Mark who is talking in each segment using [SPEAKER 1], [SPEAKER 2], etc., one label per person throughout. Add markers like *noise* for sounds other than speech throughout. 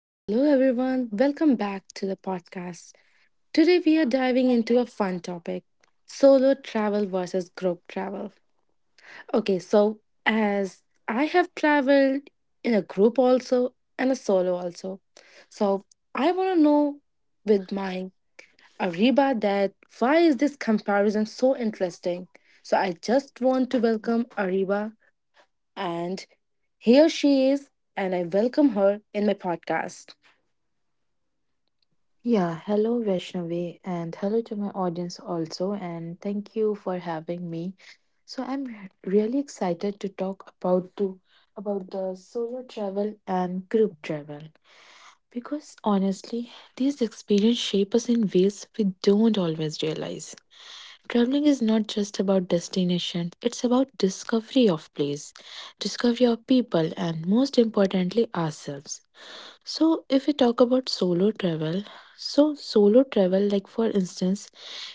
[SPEAKER 1] Hello, everyone. Welcome back to the podcast. Today, we are diving into a fun topic solo travel versus group travel. Okay, so as I have traveled in a group also and a solo also. So, I want to know with my Ariba that why is this comparison so interesting? So, I just want to welcome Ariba, and here she is, and I welcome her in my podcast.
[SPEAKER 2] Yeah, hello Vaishnavi and hello to my audience also, and thank you for having me. So I'm really excited to talk about the solo travel and group travel, because honestly these experiences shape us in ways we don't always realize. Traveling is not just about destination, it's about discovery of place, discovery of people, and most importantly ourselves. So, if we talk about solo travel, so solo travel, like for instance,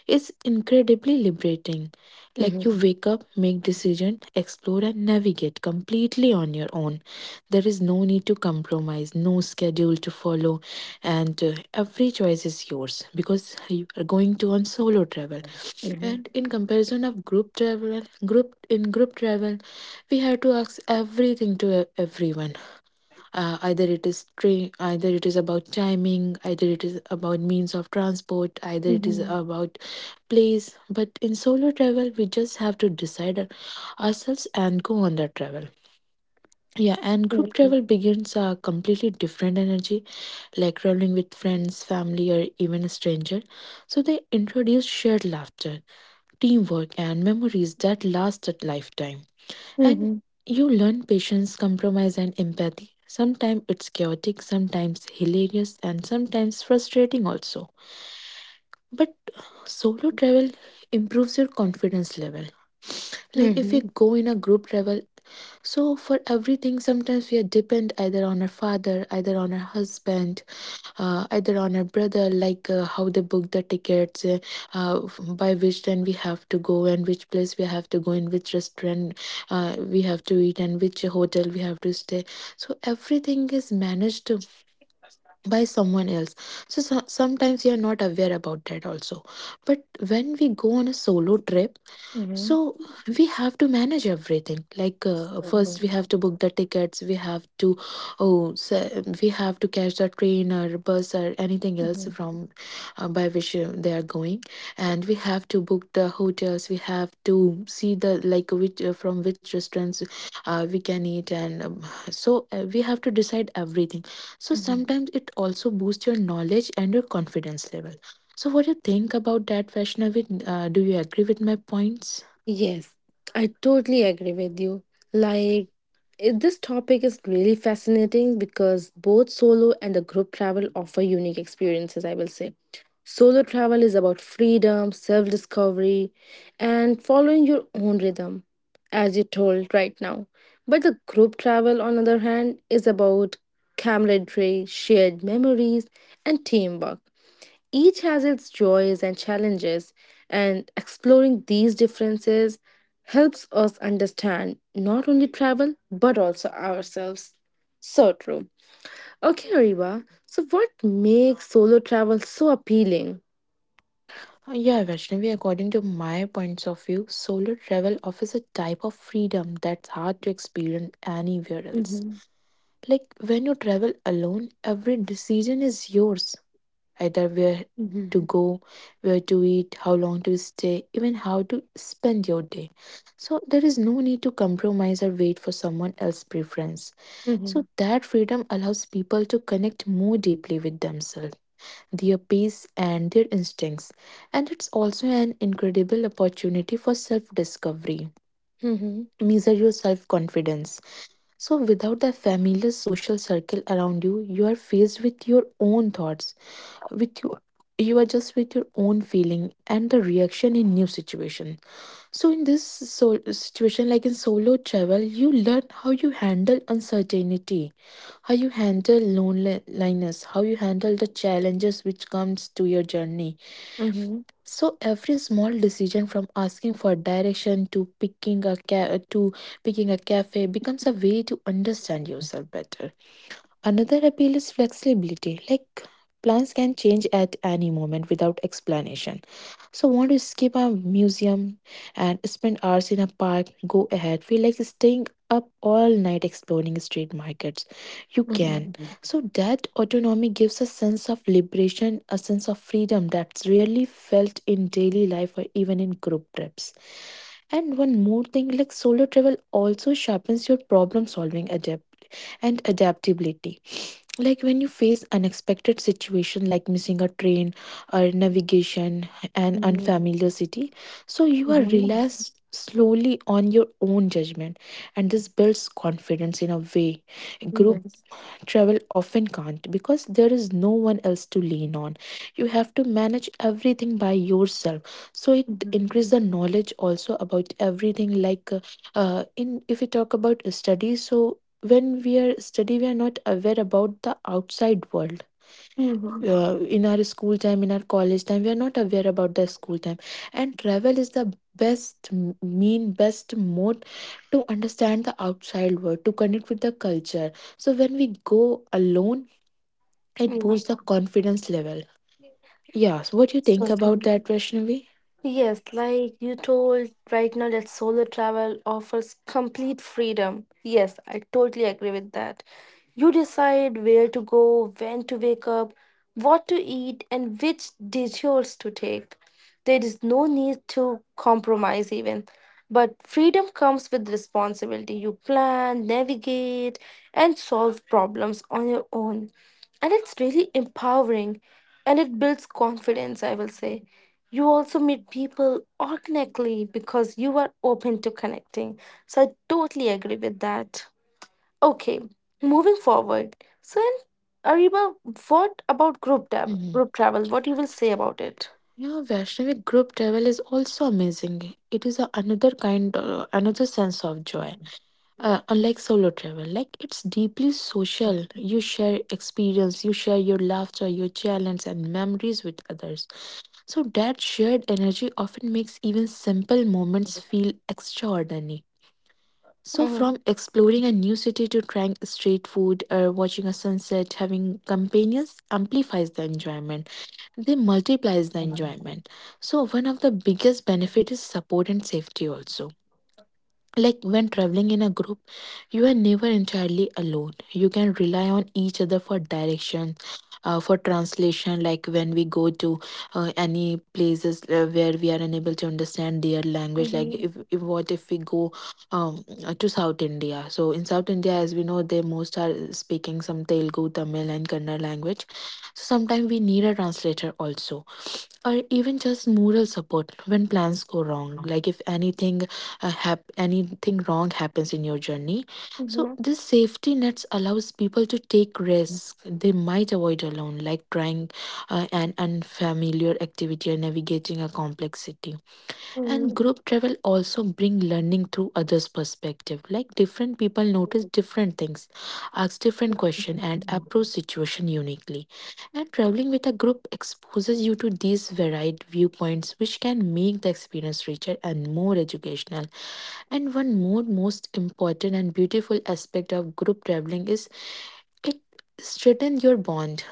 [SPEAKER 2] is incredibly liberating. Like you wake up, make decision, explore and navigate completely on your own. There is no need to compromise, no schedule to follow, and every choice is yours because you are going to on solo travel.
[SPEAKER 1] Mhm,
[SPEAKER 2] And in comparison of group travel, group in group travel, we have to ask everything to everyone, either it is train, either it is about timing, either it is about means of transport, either it is
[SPEAKER 1] mhm.
[SPEAKER 2] about place. But in solo travel we just have to decide ourselves and go on that travel. Yeah, and group
[SPEAKER 1] Mhm.
[SPEAKER 2] travel begins a completely different energy, like traveling with friends, family, or even a stranger. So they introduce shared laughter, teamwork, and memories that last a lifetime. And
[SPEAKER 1] Mhm.
[SPEAKER 2] you learn patience, compromise, and empathy. Sometimes it's chaotic, sometimes hilarious, and sometimes frustrating also. But solo travel improves your confidence level. Like if we
[SPEAKER 1] Mhm.
[SPEAKER 2] go in a group travel, so for everything sometimes we are depend either on our father, either on our husband, either on our brother, like how they book the tickets, uh, by which then we have to go, and which place we have to go, in which restaurant we have to eat, and which hotel we have to stay. So everything is managed by someone else, so, so sometimes you are not aware about that also. But when we go on a solo trip,
[SPEAKER 1] Mhm.
[SPEAKER 2] so we have to manage everything, like first
[SPEAKER 1] Mhm.
[SPEAKER 2] we have to book the tickets, we have to, oh, so we have to catch the train or bus or anything else
[SPEAKER 1] Mhm.
[SPEAKER 2] from, by which they are going, and we have to book the hotels, we have to see the, like which, from which restaurants we can eat, and so we have to decide everything. So
[SPEAKER 1] Mhm.
[SPEAKER 2] sometimes it also boosts your knowledge and your confidence level. So what do you think about that, Vaishnavi? Do you agree with my points?
[SPEAKER 1] Yes, I totally agree with you. Like, this topic is really fascinating because both solo and the group travel offer unique experiences, I will say. Solo travel is about freedom, self discovery, and following your own rhythm, as you told right now. But the group travel, on the other hand, is about camaraderie, shared memories, and teamwork. Each has its joys and challenges, and exploring these differences helps us understand not only travel but also ourselves. So true. Okay, Ariba, so what makes solo travel so appealing?
[SPEAKER 2] Yeah, Vaishnavi, according to my points of view, solo travel offers a type of freedom that's hard to experience anywhere else.
[SPEAKER 1] Mm-hmm.
[SPEAKER 2] Like when you travel alone, every decision is yours. Either where
[SPEAKER 1] Mm-hmm.
[SPEAKER 2] to go, where to eat, how long to stay, even how to spend your day. So there is no need to compromise or wait for someone else's preference.
[SPEAKER 1] Mm-hmm.
[SPEAKER 2] So that freedom allows people to connect more deeply with themselves, their pace, and their instincts. And it's also an incredible opportunity for self discovery.
[SPEAKER 1] Mm-hmm.
[SPEAKER 2] Measure your self confidence. So, without the familiar social circle around you, you are faced with your own thoughts, with your you are just with your own feeling and the reaction in new situation. So in this situation, like in solo travel, you learn how you handle uncertainty, how you handle loneliness, how you handle the challenges which comes to your journey.
[SPEAKER 1] Mm-hmm.
[SPEAKER 2] So every small decision, from asking for direction to picking a cafe, becomes a way to understand yourself better. Another appeal is flexibility, like plans can change at any moment without explanation. So, want to skip a museum and spend hours in a park? Go ahead. Feel like staying up all night exploring street markets? You can.
[SPEAKER 1] Mm.
[SPEAKER 2] So, that autonomy gives a sense of liberation, a sense of freedom that's rarely felt in daily life or even in group trips. And one more thing, like solo travel also sharpens your problem solving adept and adaptability, like when you face unexpected situation like missing a train or navigation and
[SPEAKER 1] Mhm.
[SPEAKER 2] unfamiliar city. So you are
[SPEAKER 1] Mhm.
[SPEAKER 2] relaxed slowly on your own judgment, and this builds confidence in a way group
[SPEAKER 1] Yes.
[SPEAKER 2] travel often can't, because there is no one else to lean on. You have to manage everything by yourself. So it
[SPEAKER 1] Mhm.
[SPEAKER 2] increases the knowledge also about everything. Like in, if we talk about study, so when we are study, we are not aware about the outside world.
[SPEAKER 1] Mhm.
[SPEAKER 2] In our school time, in our college time, we are not aware about the school time. And travel is the best m- mean best mode to understand the outside world, to connect with the culture. So when we go alone, it
[SPEAKER 1] Yeah.
[SPEAKER 2] boosts the confidence level. Yeah, so what do you think
[SPEAKER 1] So
[SPEAKER 2] about
[SPEAKER 1] true.
[SPEAKER 2] that, Vaishnavi?
[SPEAKER 1] Yes, like you told right now that solo travel offers complete freedom. Yes, I totally agree with that. You decide where to go, when to wake up, what to eat, and which detours to take. There is no need to compromise, even. But freedom comes with responsibility. You plan, navigate, and solve problems on your own, and it's really empowering, and it builds confidence, I will say. You also meet people organically because you are open to connecting, so I totally agree with that. Okay, moving forward. So in, Ariba, what about group tab
[SPEAKER 2] Hmm.
[SPEAKER 1] group travel, what you will say about it?
[SPEAKER 2] Yeah, Vaishnavi, group travel is also amazing. It is a another kind, another sense of joy. Unlike solo travel, like it's deeply social. You share experience, you share your laughter, your challenges, and memories with others. So that shared energy often makes even simple moments feel extraordinary. So
[SPEAKER 1] Mhm.
[SPEAKER 2] from exploring a new city to trying street food or watching a sunset, having companions amplifies the enjoyment, they multiplies the enjoyment. So one of the biggest benefit is support and safety also. Like when traveling in a group, you are never entirely alone. You can rely on each other for direction, for translation. Like when we go to any places where we are unable to understand their language. Like
[SPEAKER 1] Mhm.
[SPEAKER 2] if what if we go um, to South India? So in South India, as we know, they most are speaking some Telugu, Tamil, and Kannada language. So sometimes we need a translator also, or even just moral support when plans go wrong, like if anything anything wrong happens in your journey. So
[SPEAKER 1] Mhm.
[SPEAKER 2] this safety nets allows people to take risks they might avoid alone, like trying an unfamiliar activity or navigating a complexity. And
[SPEAKER 1] Mhm.
[SPEAKER 2] group travel also bring learning through others' perspective. Like different people notice different things, ask different question, and approach situation uniquely. And traveling with a group exposes you to these varied viewpoints, which can make the experience richer and more educational. And one more most important and beautiful aspect of group traveling is it strengthens your bond,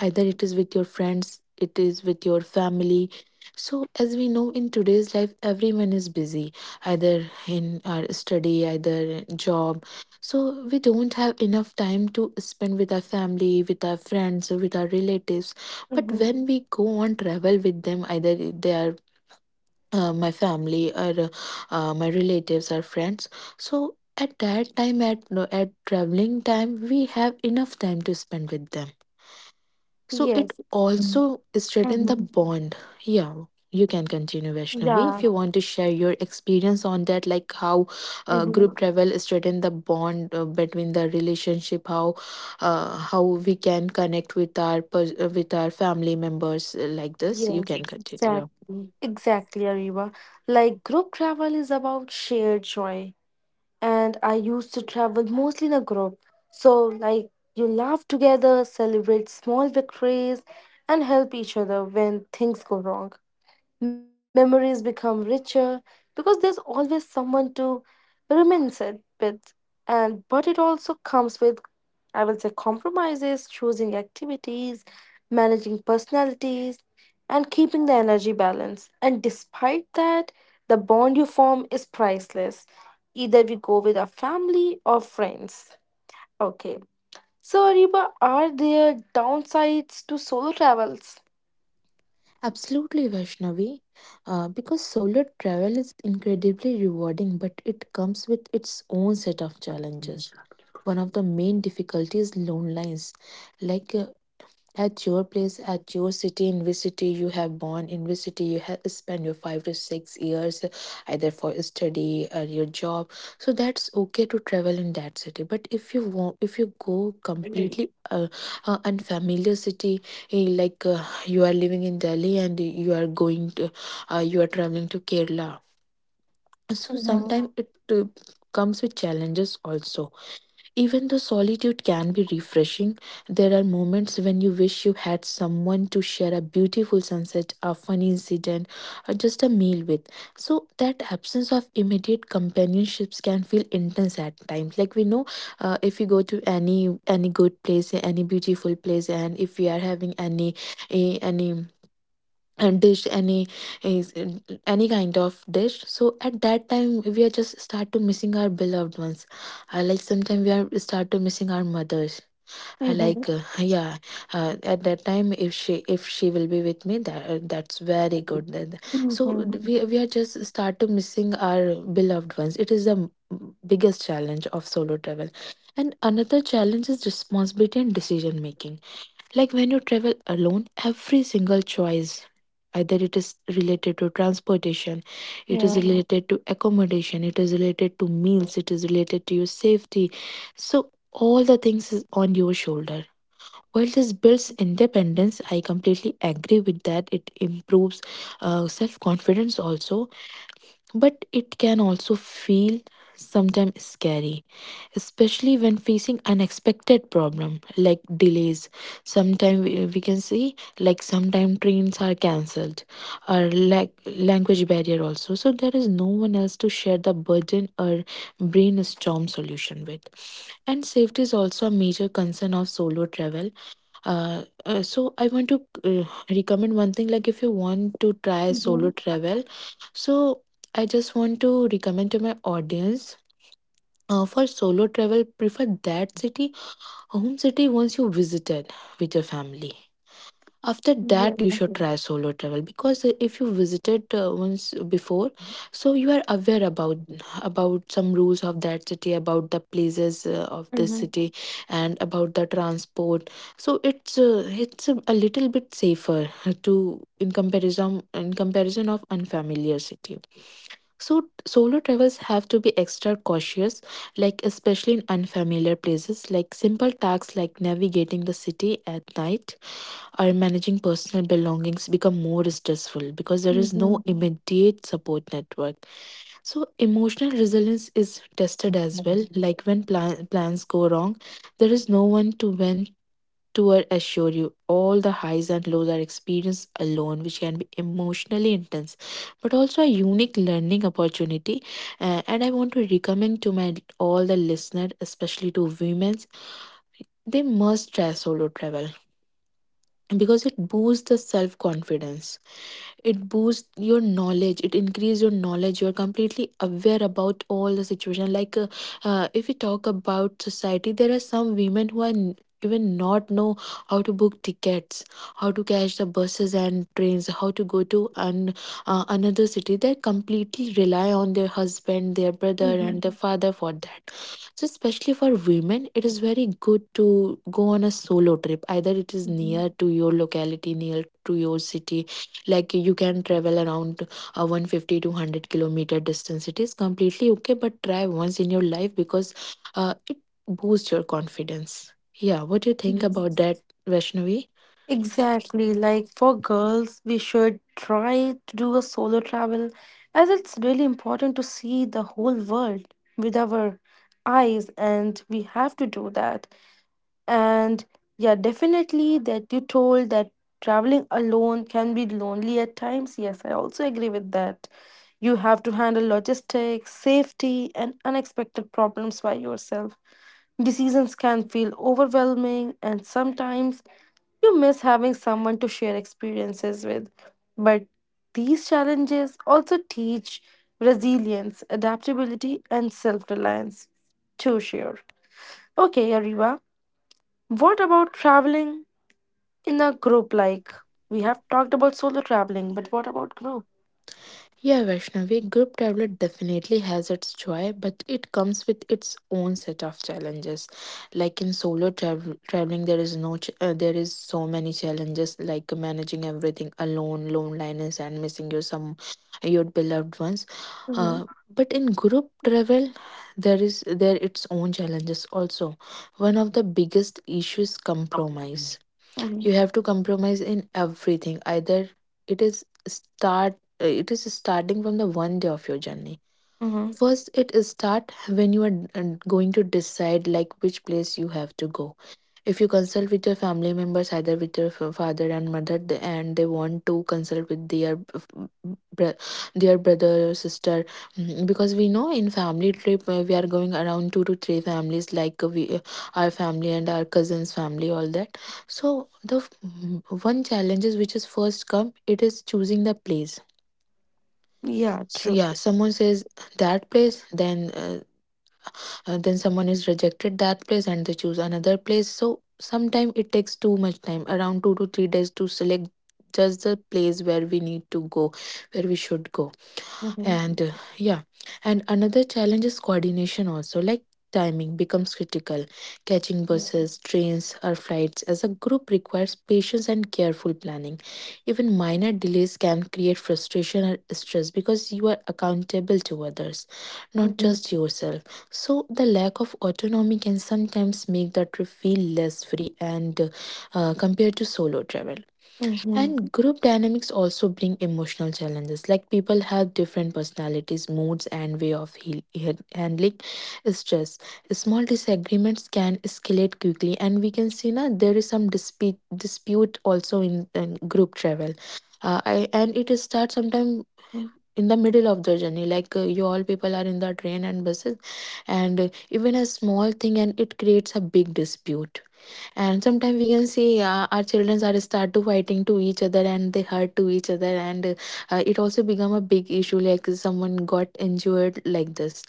[SPEAKER 2] either it is with your friends, it is with your family. So as we know, in today's life everyone is busy, either in our study, either in job. So we don't have enough time to spend with our family, with our friends, or with our relatives. But
[SPEAKER 1] Mhm.
[SPEAKER 2] when we go on travel with them, either they are my family, or my relatives or friends, so at that time, at no, at traveling time, we have enough time to spend with them. So it
[SPEAKER 1] Yes.
[SPEAKER 2] also
[SPEAKER 1] Mhm.
[SPEAKER 2] strengthen the bond. Yeah, you can continue, Vaishnavi,
[SPEAKER 1] Yeah.
[SPEAKER 2] if you want to share your experience on that, like how
[SPEAKER 1] Mhm.
[SPEAKER 2] group travel strengthen the bond between the relationship, how we can connect with our with our family members, like this you
[SPEAKER 1] Yes.
[SPEAKER 2] can continue.
[SPEAKER 1] Exactly. Exactly, Ariba. Like group travel is about shared joy, and I used to travel mostly in a group. So, like, you laugh together, celebrate small victories, and help each other when things go wrong. Memories become richer because there's always someone to reminisce it with. And but it also comes with, I will say, compromises, choosing activities, managing personalities, and keeping the energy balance. And despite that, the bond you form is priceless. Either we go with our family or friends. Okay. So, Ariba, are there downsides to solo travels?
[SPEAKER 2] Absolutely, Vaishnavi. Because solo travel is incredibly rewarding, but it comes with its own set of challenges. One of the main difficulties is loneliness, like at your place, at your city, in which city you have born, in which city you have spent your 5 to 6 years, either for study or your job. So that's okay to travel in that city. But if you want, if you go completely unfamiliar city, like you are living in Delhi and you are going to, you are traveling to Kerala. So
[SPEAKER 1] Mhm.
[SPEAKER 2] sometimes it comes with challenges also. Even though solitude can be refreshing, there are moments when you wish you had someone to share a beautiful sunset, a funny incident, or just a meal with. So, that absence of immediate companionships can feel intense at times. Like, we know if you go to any good place, any beautiful place, and if we are having any a dish any is any kind of dish, so at that time we are just start to missing our beloved ones. I like sometimes we are start to missing our mothers. I
[SPEAKER 1] Mhm.
[SPEAKER 2] like *laughs* yeah. At that time if she will be with me, that that's very good. Then- so
[SPEAKER 1] Mhm.
[SPEAKER 2] we are just start to missing our beloved ones. It is the biggest challenge of solo travel, and another challenge is responsibility and decision making. Like when you travel alone, every single choice, either it is related to transportation, it is
[SPEAKER 1] Yeah.
[SPEAKER 2] related to accommodation, it is related to meals, it is related to your safety, so all the things is on your shoulder. While this builds independence, I completely agree with that, it improves self confidence also, but it can also feel sometimes scary, especially when facing unexpected problem like delays. Sometimes we can see like sometimes trains are cancelled, or like language barrier also. So there is no one else to share the burden or brainstorm solution with. And safety is also a major concern of solo travel. So I want to recommend one thing, like if you want to try solo
[SPEAKER 1] Mhm.
[SPEAKER 2] travel, so I just want to recommend to my audience, for solo travel, prefer that city, home city, once you visited with your family. After
[SPEAKER 1] Yeah.
[SPEAKER 2] that you should
[SPEAKER 1] Mhm.
[SPEAKER 2] try solo travel, because if you visited once before, so you are aware about some rules of that city, about the places of this
[SPEAKER 1] Mhm.
[SPEAKER 2] city, and about the transport. So it's a little bit safer to, in comparison of unfamiliar city. So solo travels have to be extra cautious, like especially in unfamiliar places, like simple tasks like navigating the city at night, our managing personal belongings become more stressful, because there is no
[SPEAKER 1] Mhm.
[SPEAKER 2] immediate support network. So emotional resilience is tested as well, like when plans go wrong, there is no one to vent to or assure you. All the highs and lows are experienced alone, which can be emotionally intense but also a unique learning opportunity. And I want to recommend to my all the listener, especially to women, they must try solo travel because it boosts the self confidence, it boosts your knowledge, it increases your knowledge, you're completely aware about all the situation. Like if we talk about society, there are some women who are n- even not know how to book tickets, how to catch the buses and trains, how to go to an, another city. They completely rely on their husband, their brother and their father for that. So especially for women, it is very good to go on a solo trip. Either it is
[SPEAKER 1] Mhm.
[SPEAKER 2] near to your locality, near to your city, like you can travel around a 150 to 100 kilometer distance. It is completely okay, but try once in your life, because it boosts your confidence. Yeah, what do you think
[SPEAKER 1] Yes.
[SPEAKER 2] about that, Vaishnavi?
[SPEAKER 1] Exactly. Like for girls, we should try to do a solo travel as it's really important to see the whole world with our eyes, and we have to do that. And yeah, definitely that you told that traveling alone can be lonely at times. Yes, I also agree with that. You have to handle logistics, safety, and unexpected problems by yourself. Decisions can feel overwhelming, and sometimes you miss having someone to share experiences with. But these challenges also teach resilience, adaptability, and self reliance. To share. Okay, Ariva. What about traveling in a group? Like, we have talked about solo traveling, but what about group?
[SPEAKER 2] Yeah, Vaishnavi, group travel definitely has its joy, but it comes with its own set of challenges. Like in solo travel, traveling, there is no, ch- there is so many challenges, like managing everything alone, loneliness, and missing your some, your beloved ones.
[SPEAKER 1] Mm-hmm.
[SPEAKER 2] Uh, but in group travel, there its own challenges also. One of the biggest issues, compromise,
[SPEAKER 1] Mm-hmm.
[SPEAKER 2] you have to compromise in everything, either it is start it is starting from the one day of your journey.
[SPEAKER 1] Mm-hmm.
[SPEAKER 2] First, it is start when you are and going to decide like which place you have to go. If you consult with your family members, either with your f- father and mother, th- and they want to consult with their f- bro- their brother or sister, mm, because we know in family trip we are going around 2 to 3 families, like we our family and our cousins' family, all that. So the f- m- one challenge, is which is first come, it is choosing the place.
[SPEAKER 1] Yeah,
[SPEAKER 2] So
[SPEAKER 1] true.
[SPEAKER 2] yeah, someone says that place, then. Then someone is rejected that place and they choose another place, so sometimes it takes too much time, around 2 to 3 days to select just the place where we need to go, where we should go.
[SPEAKER 1] Mm-hmm.
[SPEAKER 2] And uh, yeah and another challenge is coordination also, like timing becomes critical, catching buses, trains or flights as a group requires patience and careful planning. Even minor delays can create frustration or stress, because you are accountable to others, not
[SPEAKER 1] Mm-hmm.
[SPEAKER 2] just yourself. So the lack of autonomy can sometimes make the trip feel less free and compared to solo travel.
[SPEAKER 1] Mm-hmm.
[SPEAKER 2] And group dynamics also bring emotional challenges. Like people have different personalities, moods, and way of handling stress. Small disagreements can escalate quickly, and we can see now there is some dispute also in group travel. And it starts sometime
[SPEAKER 1] Mm-hmm.
[SPEAKER 2] in the middle of the journey. Like you all people are in the train and buses, and even a small thing, and it creates a big dispute. And sometimes we can see our children are start to fighting to each other and they hurt to each other, and it also become a big issue, like someone got injured like this.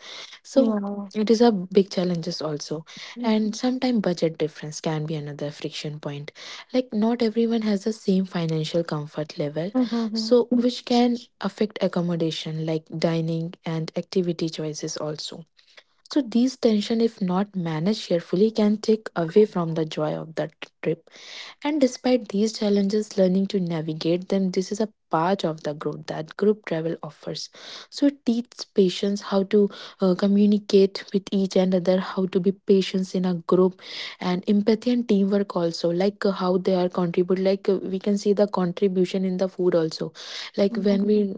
[SPEAKER 2] So
[SPEAKER 1] Yeah.
[SPEAKER 2] it is a big challenges also. And
[SPEAKER 1] Mm-hmm.
[SPEAKER 2] sometimes budget difference can be another friction point, like not everyone has the same financial comfort level,
[SPEAKER 1] Mm-hmm.
[SPEAKER 2] so
[SPEAKER 1] Mm-hmm.
[SPEAKER 2] which can affect accommodation, like dining and activity choices also. So these tension, if not managed carefully, can take away from the joy of the trip. And despite these challenges, learning to navigate them, this is a part of the growth that group travel offers. So it teaches patience, how to communicate with each another, how to be patient in a group, and empathy and teamwork also, like how they are contribute. Like we can see the contribution in the food also. Like
[SPEAKER 1] Mm-hmm.
[SPEAKER 2] when we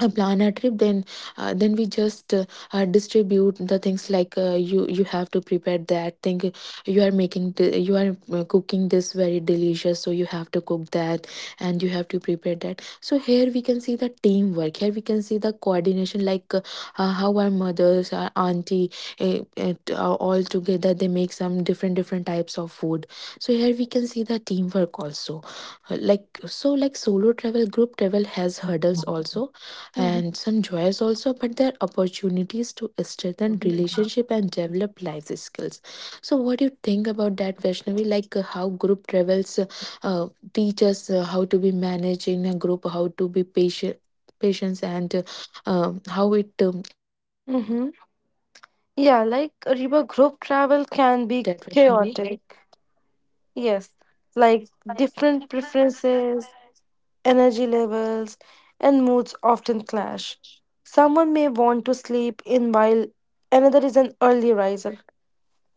[SPEAKER 2] plan a trip, then we just distribute the things, like you have to prepare that thing, you are making the, you are cooking this very delicious, so you have to cook that, and you have to prepare that. So here we can see the teamwork, here we can see the coordination, like how our mothers, our auntie are all together, they make some different different types of food. So here we can see the teamwork also. Like solo travel, group travel has hurdles also
[SPEAKER 1] Mm-hmm.
[SPEAKER 2] and some joys also, but there are opportunities to strengthen relationship and develop life skills. So what do you think about that, Vaishnavi? Like how group travels uh, teach us how to be managed in a group, how to be patient, patience, and how it
[SPEAKER 1] Mm-hmm. Yeah, like a river group travel can be
[SPEAKER 3] Right, Vaishnavi?
[SPEAKER 1] chaotic. Yes, like different preferences, energy levels, and moods often clash. Someone may want to sleep in while another is an early riser.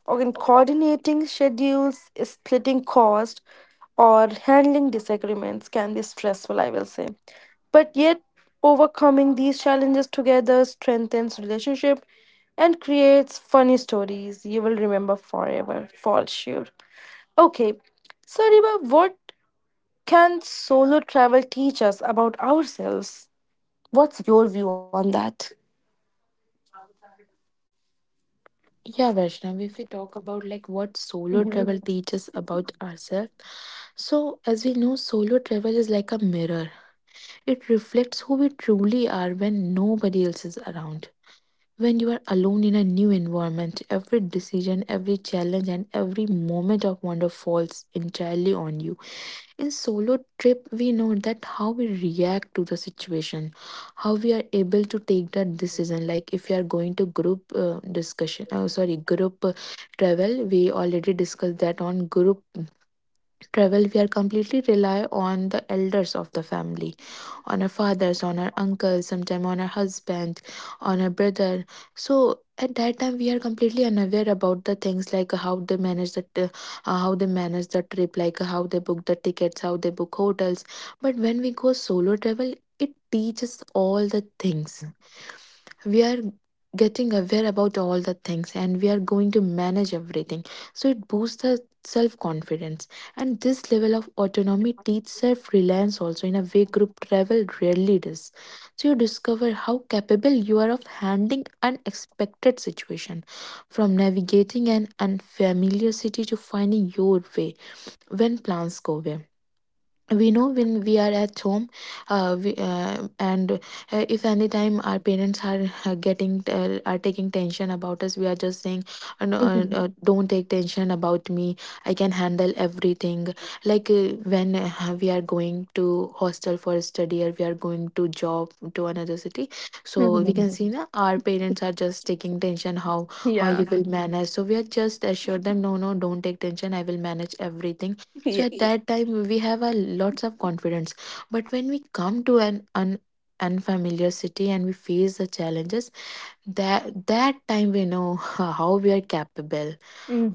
[SPEAKER 1] Or in coordinating schedules, splitting cost, or handling disagreements can be stressful, I will say. But yet, overcoming these challenges together strengthens relationship and creates funny stories you will remember forever, for sure. Okay, so Riba, what can solo travel teach us about ourselves? What's your view on that?
[SPEAKER 3] Yeah, Vaishnavi, if we talk about like what solo travel teaches about ourselves, so as we know, solo travel is like a mirror. It reflects who we truly are when nobody else is around. When you are alone in a new environment, every decision, every challenge, and every moment of wonder falls entirely on you. In solo trip, we know that how we react to the situation, how we are able to take that decision. Like if you are going to group discussion, sorry, group travel, we already discussed that. On group travel, we are completely rely on the elders of the family, on her fathers, on her uncles, sometime on her husband, on her brother. So at that time we are completely unaware about the things, like how they manage the how they manage the trip, like how they book the tickets, how they book hotels. But when we go solo travel, it teaches all the things. We are getting aware about all the things and we are going to manage everything. So it boosts the self confidence, and this level of autonomy teaches self reliance also, in a way group travel rarely does. So you discover how capable you are of handling unexpected situation, from navigating an unfamiliar city to finding your way when plans go away. We know when we are at home, we, and if any time our parents are getting are taking tension about us, we are just saying, no,
[SPEAKER 1] *laughs* Mhm.
[SPEAKER 3] don't take tension about me, I can handle everything. Like when we are going to hostel for study, or we are going to job to another city, so we
[SPEAKER 1] Mhm.
[SPEAKER 3] can see, na, our parents are just taking tension, how you
[SPEAKER 1] Yeah.
[SPEAKER 3] will manage. So we are just assured them, no no, don't take tension, I will manage everything.
[SPEAKER 1] *laughs*
[SPEAKER 3] So at
[SPEAKER 1] Yeah.
[SPEAKER 3] that time we have a lots of confidence. But when we come to an unfamiliar city and we face the challenges, that that time we know *laughs* how we are capable,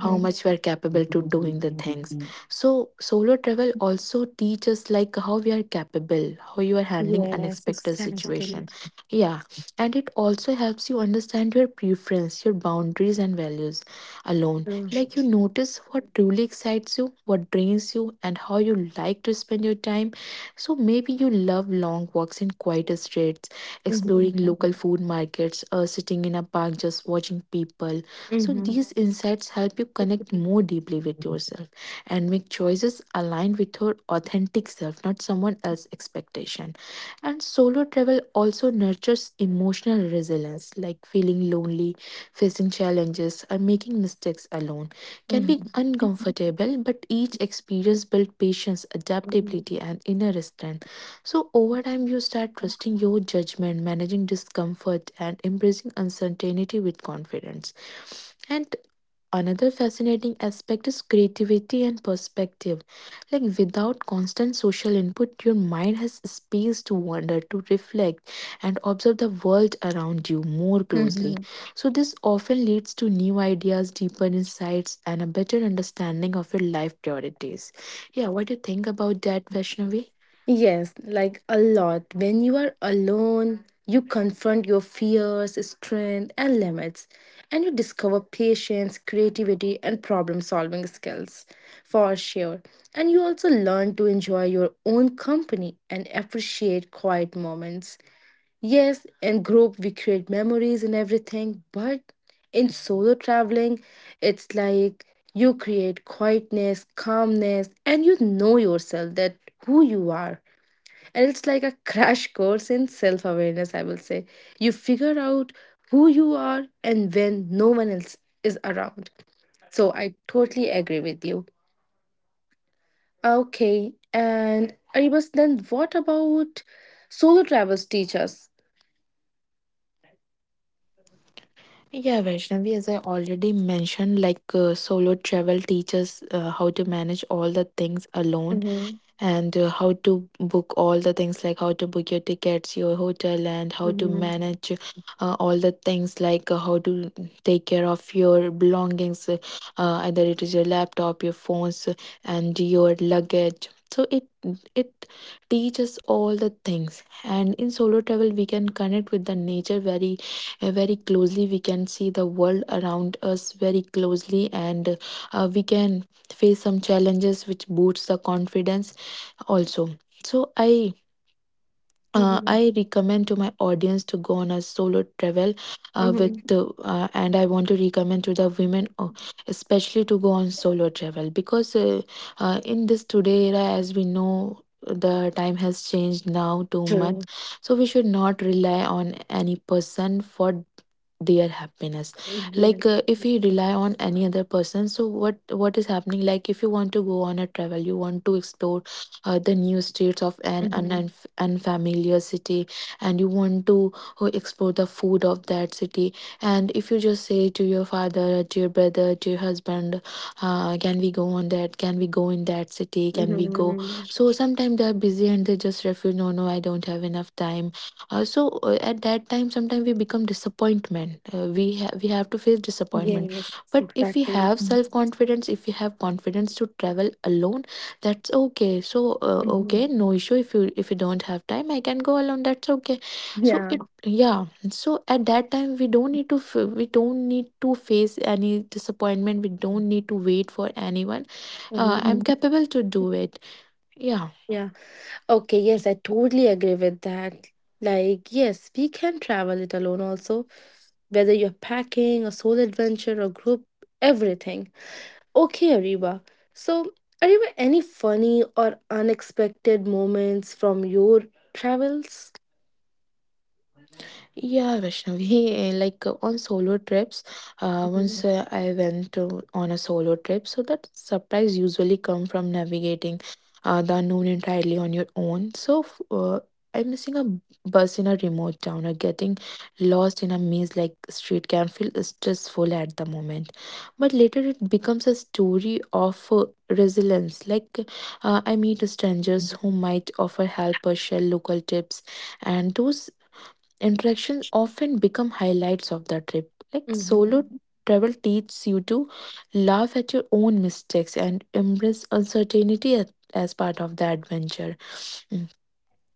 [SPEAKER 3] how much we are capable to doing the things. So solo travel also teaches like how we are capable, how you are handling
[SPEAKER 1] Yes,
[SPEAKER 3] unexpected
[SPEAKER 1] exactly.
[SPEAKER 3] situation. Yeah. And it also helps you understand your preference, your boundaries and values alone,
[SPEAKER 1] Mm,
[SPEAKER 3] like you notice what truly excites you, what drains you, and how you like to spend your time. So maybe you love long walks in quiet streets, exploring
[SPEAKER 1] mhm,
[SPEAKER 3] local food markets, or sitting in a park just watching people. So,
[SPEAKER 1] mhm,
[SPEAKER 3] these insights help you connect more deeply with yourself and make choices aligned with your authentic self, not someone else's expectation. And solo travel also nurtures emotional resilience, like feeling lonely, facing challenges, and making mistakes alone can be
[SPEAKER 1] mhm,
[SPEAKER 3] uncomfortable, but each experience builds patience,
[SPEAKER 1] mhm,
[SPEAKER 3] adaptability, and inner strength. So, over time, you start trusting your judgment, managing discomfort, and embracing uncertainty with confidence. And another fascinating aspect is creativity and perspective. Like without constant social input, your mind has space to wander, to reflect, and observe the world around you more
[SPEAKER 1] mhm.
[SPEAKER 3] closely. So, this often leads to new ideas, deeper insights, and a better understanding of your life priorities. Yeah, what do you think about that, Vaishnavi?
[SPEAKER 1] Yes, like a lot. When you are alone, you confront your fears, strength, and limits, and you discover patience, creativity, and problem solving skills for sure. And you also learn to enjoy your own company and appreciate quiet moments. Yes, in group we create memories and everything, but in solo traveling, it's like you create quietness, calmness, and you know yourself that who you are. And it's like a crash course in self awareness, I will say. You figure out who you are and when no one else is around. So I totally agree with you. Okay, and Aribas, then what about solo travels teach us?
[SPEAKER 3] Yeah, Vaishnavi, as I already mentioned, like solo travel teaches how to manage all the things alone,
[SPEAKER 1] Mm-hmm.
[SPEAKER 3] and how to book all the things, like how to book your tickets, your hotel, and how to manage all the things, like how to take care of your belongings, either it is your laptop, your phones, and your luggage. So it teaches all the things, and in solo travel we can connect with the nature very closely. We can see the world around us very closely, and we can face some challenges which boosts the confidence also. So i uh,
[SPEAKER 1] Mm-hmm.
[SPEAKER 3] i recommend to my audience to go on a solo travel, with
[SPEAKER 1] Mm-hmm.
[SPEAKER 3] and I want to recommend to the women, especially to go on solo travel, because in this today era, as we know, the time has changed now too much.
[SPEAKER 1] True.
[SPEAKER 3] So we should not rely on any person for their happiness.
[SPEAKER 1] Yeah.
[SPEAKER 3] Like if we rely on any other person, so what is happening, like if you want to go on a travel, you want to explore the new streets of an, an
[SPEAKER 1] Mm-hmm.
[SPEAKER 3] unf- unfamiliar city, and you want to explore the food of that city, and if you just say to your father, to your brother, to your husband, can we go on that, can we go in that city, can we go?
[SPEAKER 1] Mm-hmm.
[SPEAKER 3] So sometimes they are busy and they just refuse, no no, I don't have enough time. So at that time sometimes we become disappointment, we have to face disappointment.
[SPEAKER 1] Yes,
[SPEAKER 3] But if we
[SPEAKER 1] exactly.
[SPEAKER 3] have self confidence, if we have confidence to travel alone, that's okay. So okay,
[SPEAKER 1] Mm-hmm.
[SPEAKER 3] no issue, if you don't have time, I can go alone, that's okay. So
[SPEAKER 1] Yeah.
[SPEAKER 3] it, yeah, so at that time we don't need to face any disappointment, we don't need to wait for anyone. I'm
[SPEAKER 1] Mm-hmm.
[SPEAKER 3] capable to do it. Yeah.
[SPEAKER 1] Yeah. Okay. Yes, I totally agree with that. Like, yes, we can travel it alone also, whether you're packing a solo adventure or group, everything. Okay, Ariba. So, Ariba, any funny or unexpected moments from your travels?
[SPEAKER 3] Yeah, Vaishnavi, *laughs* like on solo trips,
[SPEAKER 1] Mm-hmm.
[SPEAKER 3] once I went on a solo trip, so that surprise usually come from navigating the unknown entirely on your own. So I'm missing a bus in a remote town, or getting lost in a maze like street can feel stressful at the moment. But later it becomes a story of resilience. Like I meet strangers who might offer help or share local tips, and those interactions often become highlights of the trip. Like solo
[SPEAKER 1] Mm-hmm.
[SPEAKER 3] travel teaches you to laugh at your own mistakes and embrace uncertainty as part of the adventure. Mm.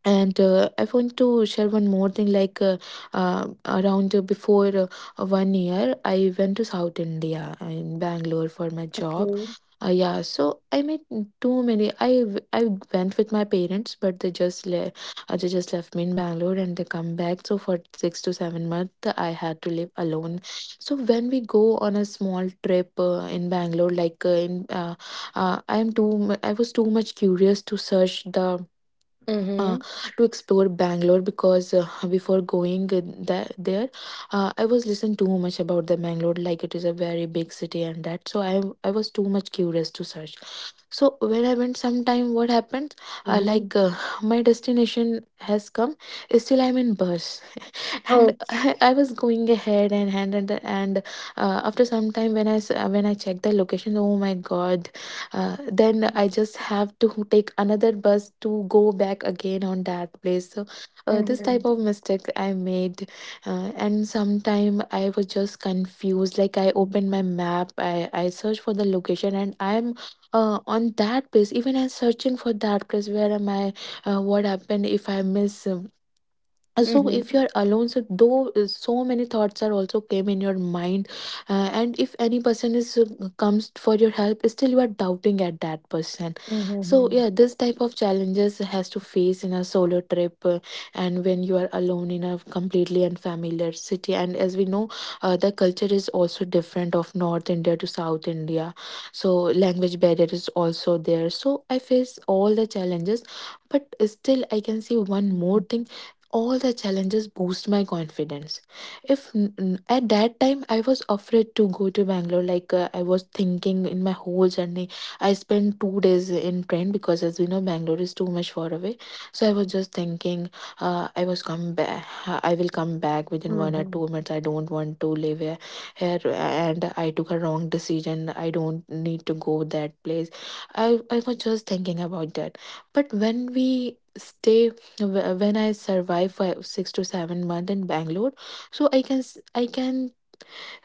[SPEAKER 3] And I want to share one more thing. Like around before 1 year, I went to South India in Bangalore for my job.
[SPEAKER 1] Okay.
[SPEAKER 3] Yeah, so I met too many. I went with my parents, but they just they just left me in Bangalore and they come back. So for 6 to 7 months, I had to live alone. So when we go on a small trip in Bangalore, like in I was too much curious to search the uh,
[SPEAKER 1] Mm-hmm.
[SPEAKER 3] to explore Bangalore, because before going there, I was listening too much about the Bangalore, like it is a very big city and that. So I was too much curious to search. So when I went sometime, what happened?
[SPEAKER 1] Mhm.
[SPEAKER 3] Like my destination has come, still I'm in bus, and
[SPEAKER 1] Oh.
[SPEAKER 3] I was going ahead and after some time when when I checked the location, oh my god! Then I just have to take another bus to go back again on that place. So this type
[SPEAKER 1] Mhm.
[SPEAKER 3] of mistake I made. And sometime I was just confused. Like I opened my map, I searched for the location, and I'm on that place. Even I'm searching for that place. Where am I? What happened if I miss? So
[SPEAKER 1] Mhm.
[SPEAKER 3] if you're alone, so though so many thoughts are also came in your mind. And if any person is comes for your help, still you are doubting at that person. So
[SPEAKER 1] Mhm.
[SPEAKER 3] yeah, this type of challenges has to face in a solo trip. And when you are alone in a completely unfamiliar city, and as we know, the culture is also different of North India to South India, so language barrier is also there, so I face all the challenges. But still I can see one more thing, all the challenges boost my confidence. If n- At that time I was afraid to go to Bangalore, like I was thinking in my whole journey, I spent 2 days in train, because as we know, Bangalore is too much far away. So I was just thinking, uh, i was come back I will come back within 1 or
[SPEAKER 1] Mhm.
[SPEAKER 3] 2 minutes, I don't want to live here, and I took a wrong decision, I don't need to go that place. I was just thinking about that. But when we stay, when I survive 6 to 7 month in Bangalore, so I can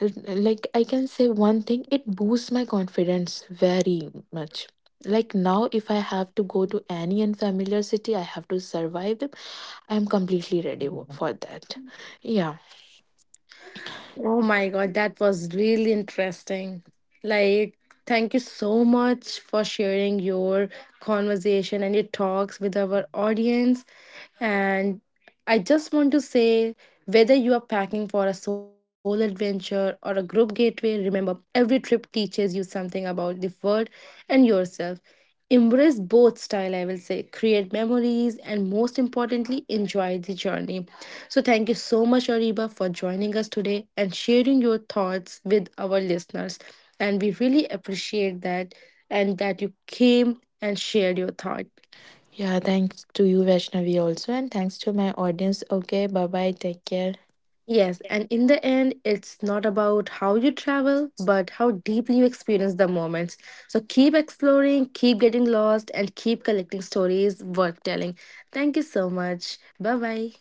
[SPEAKER 3] like I can say one thing. It boosts my confidence very much. Like now, if I have to go to any unfamiliar city, I have to survive them. I'm completely ready for that. Yeah,
[SPEAKER 1] Oh my God, that was really interesting. Like, thank you so much for sharing your conversation and your talks with our audience. And I just want to say, whether you are packing for a solo adventure or a group gateway, remember every trip teaches you something about the world and yourself. Embrace both style, I will say. Create memories and most importantly, enjoy the journey. So thank you so much, Ariba, for joining us today and sharing your thoughts with our listeners. And we really appreciate that and that you came and shared your thought.
[SPEAKER 3] yeah. Thanks to you, Vaishnavi, also, and thanks to my audience. Okay, bye bye. Take care.
[SPEAKER 1] Yes, and in the end, it's not about how you travel, but how deeply you experience the moments. So keep exploring, keep getting lost, and keep collecting stories worth telling. Thank you so much. Bye bye.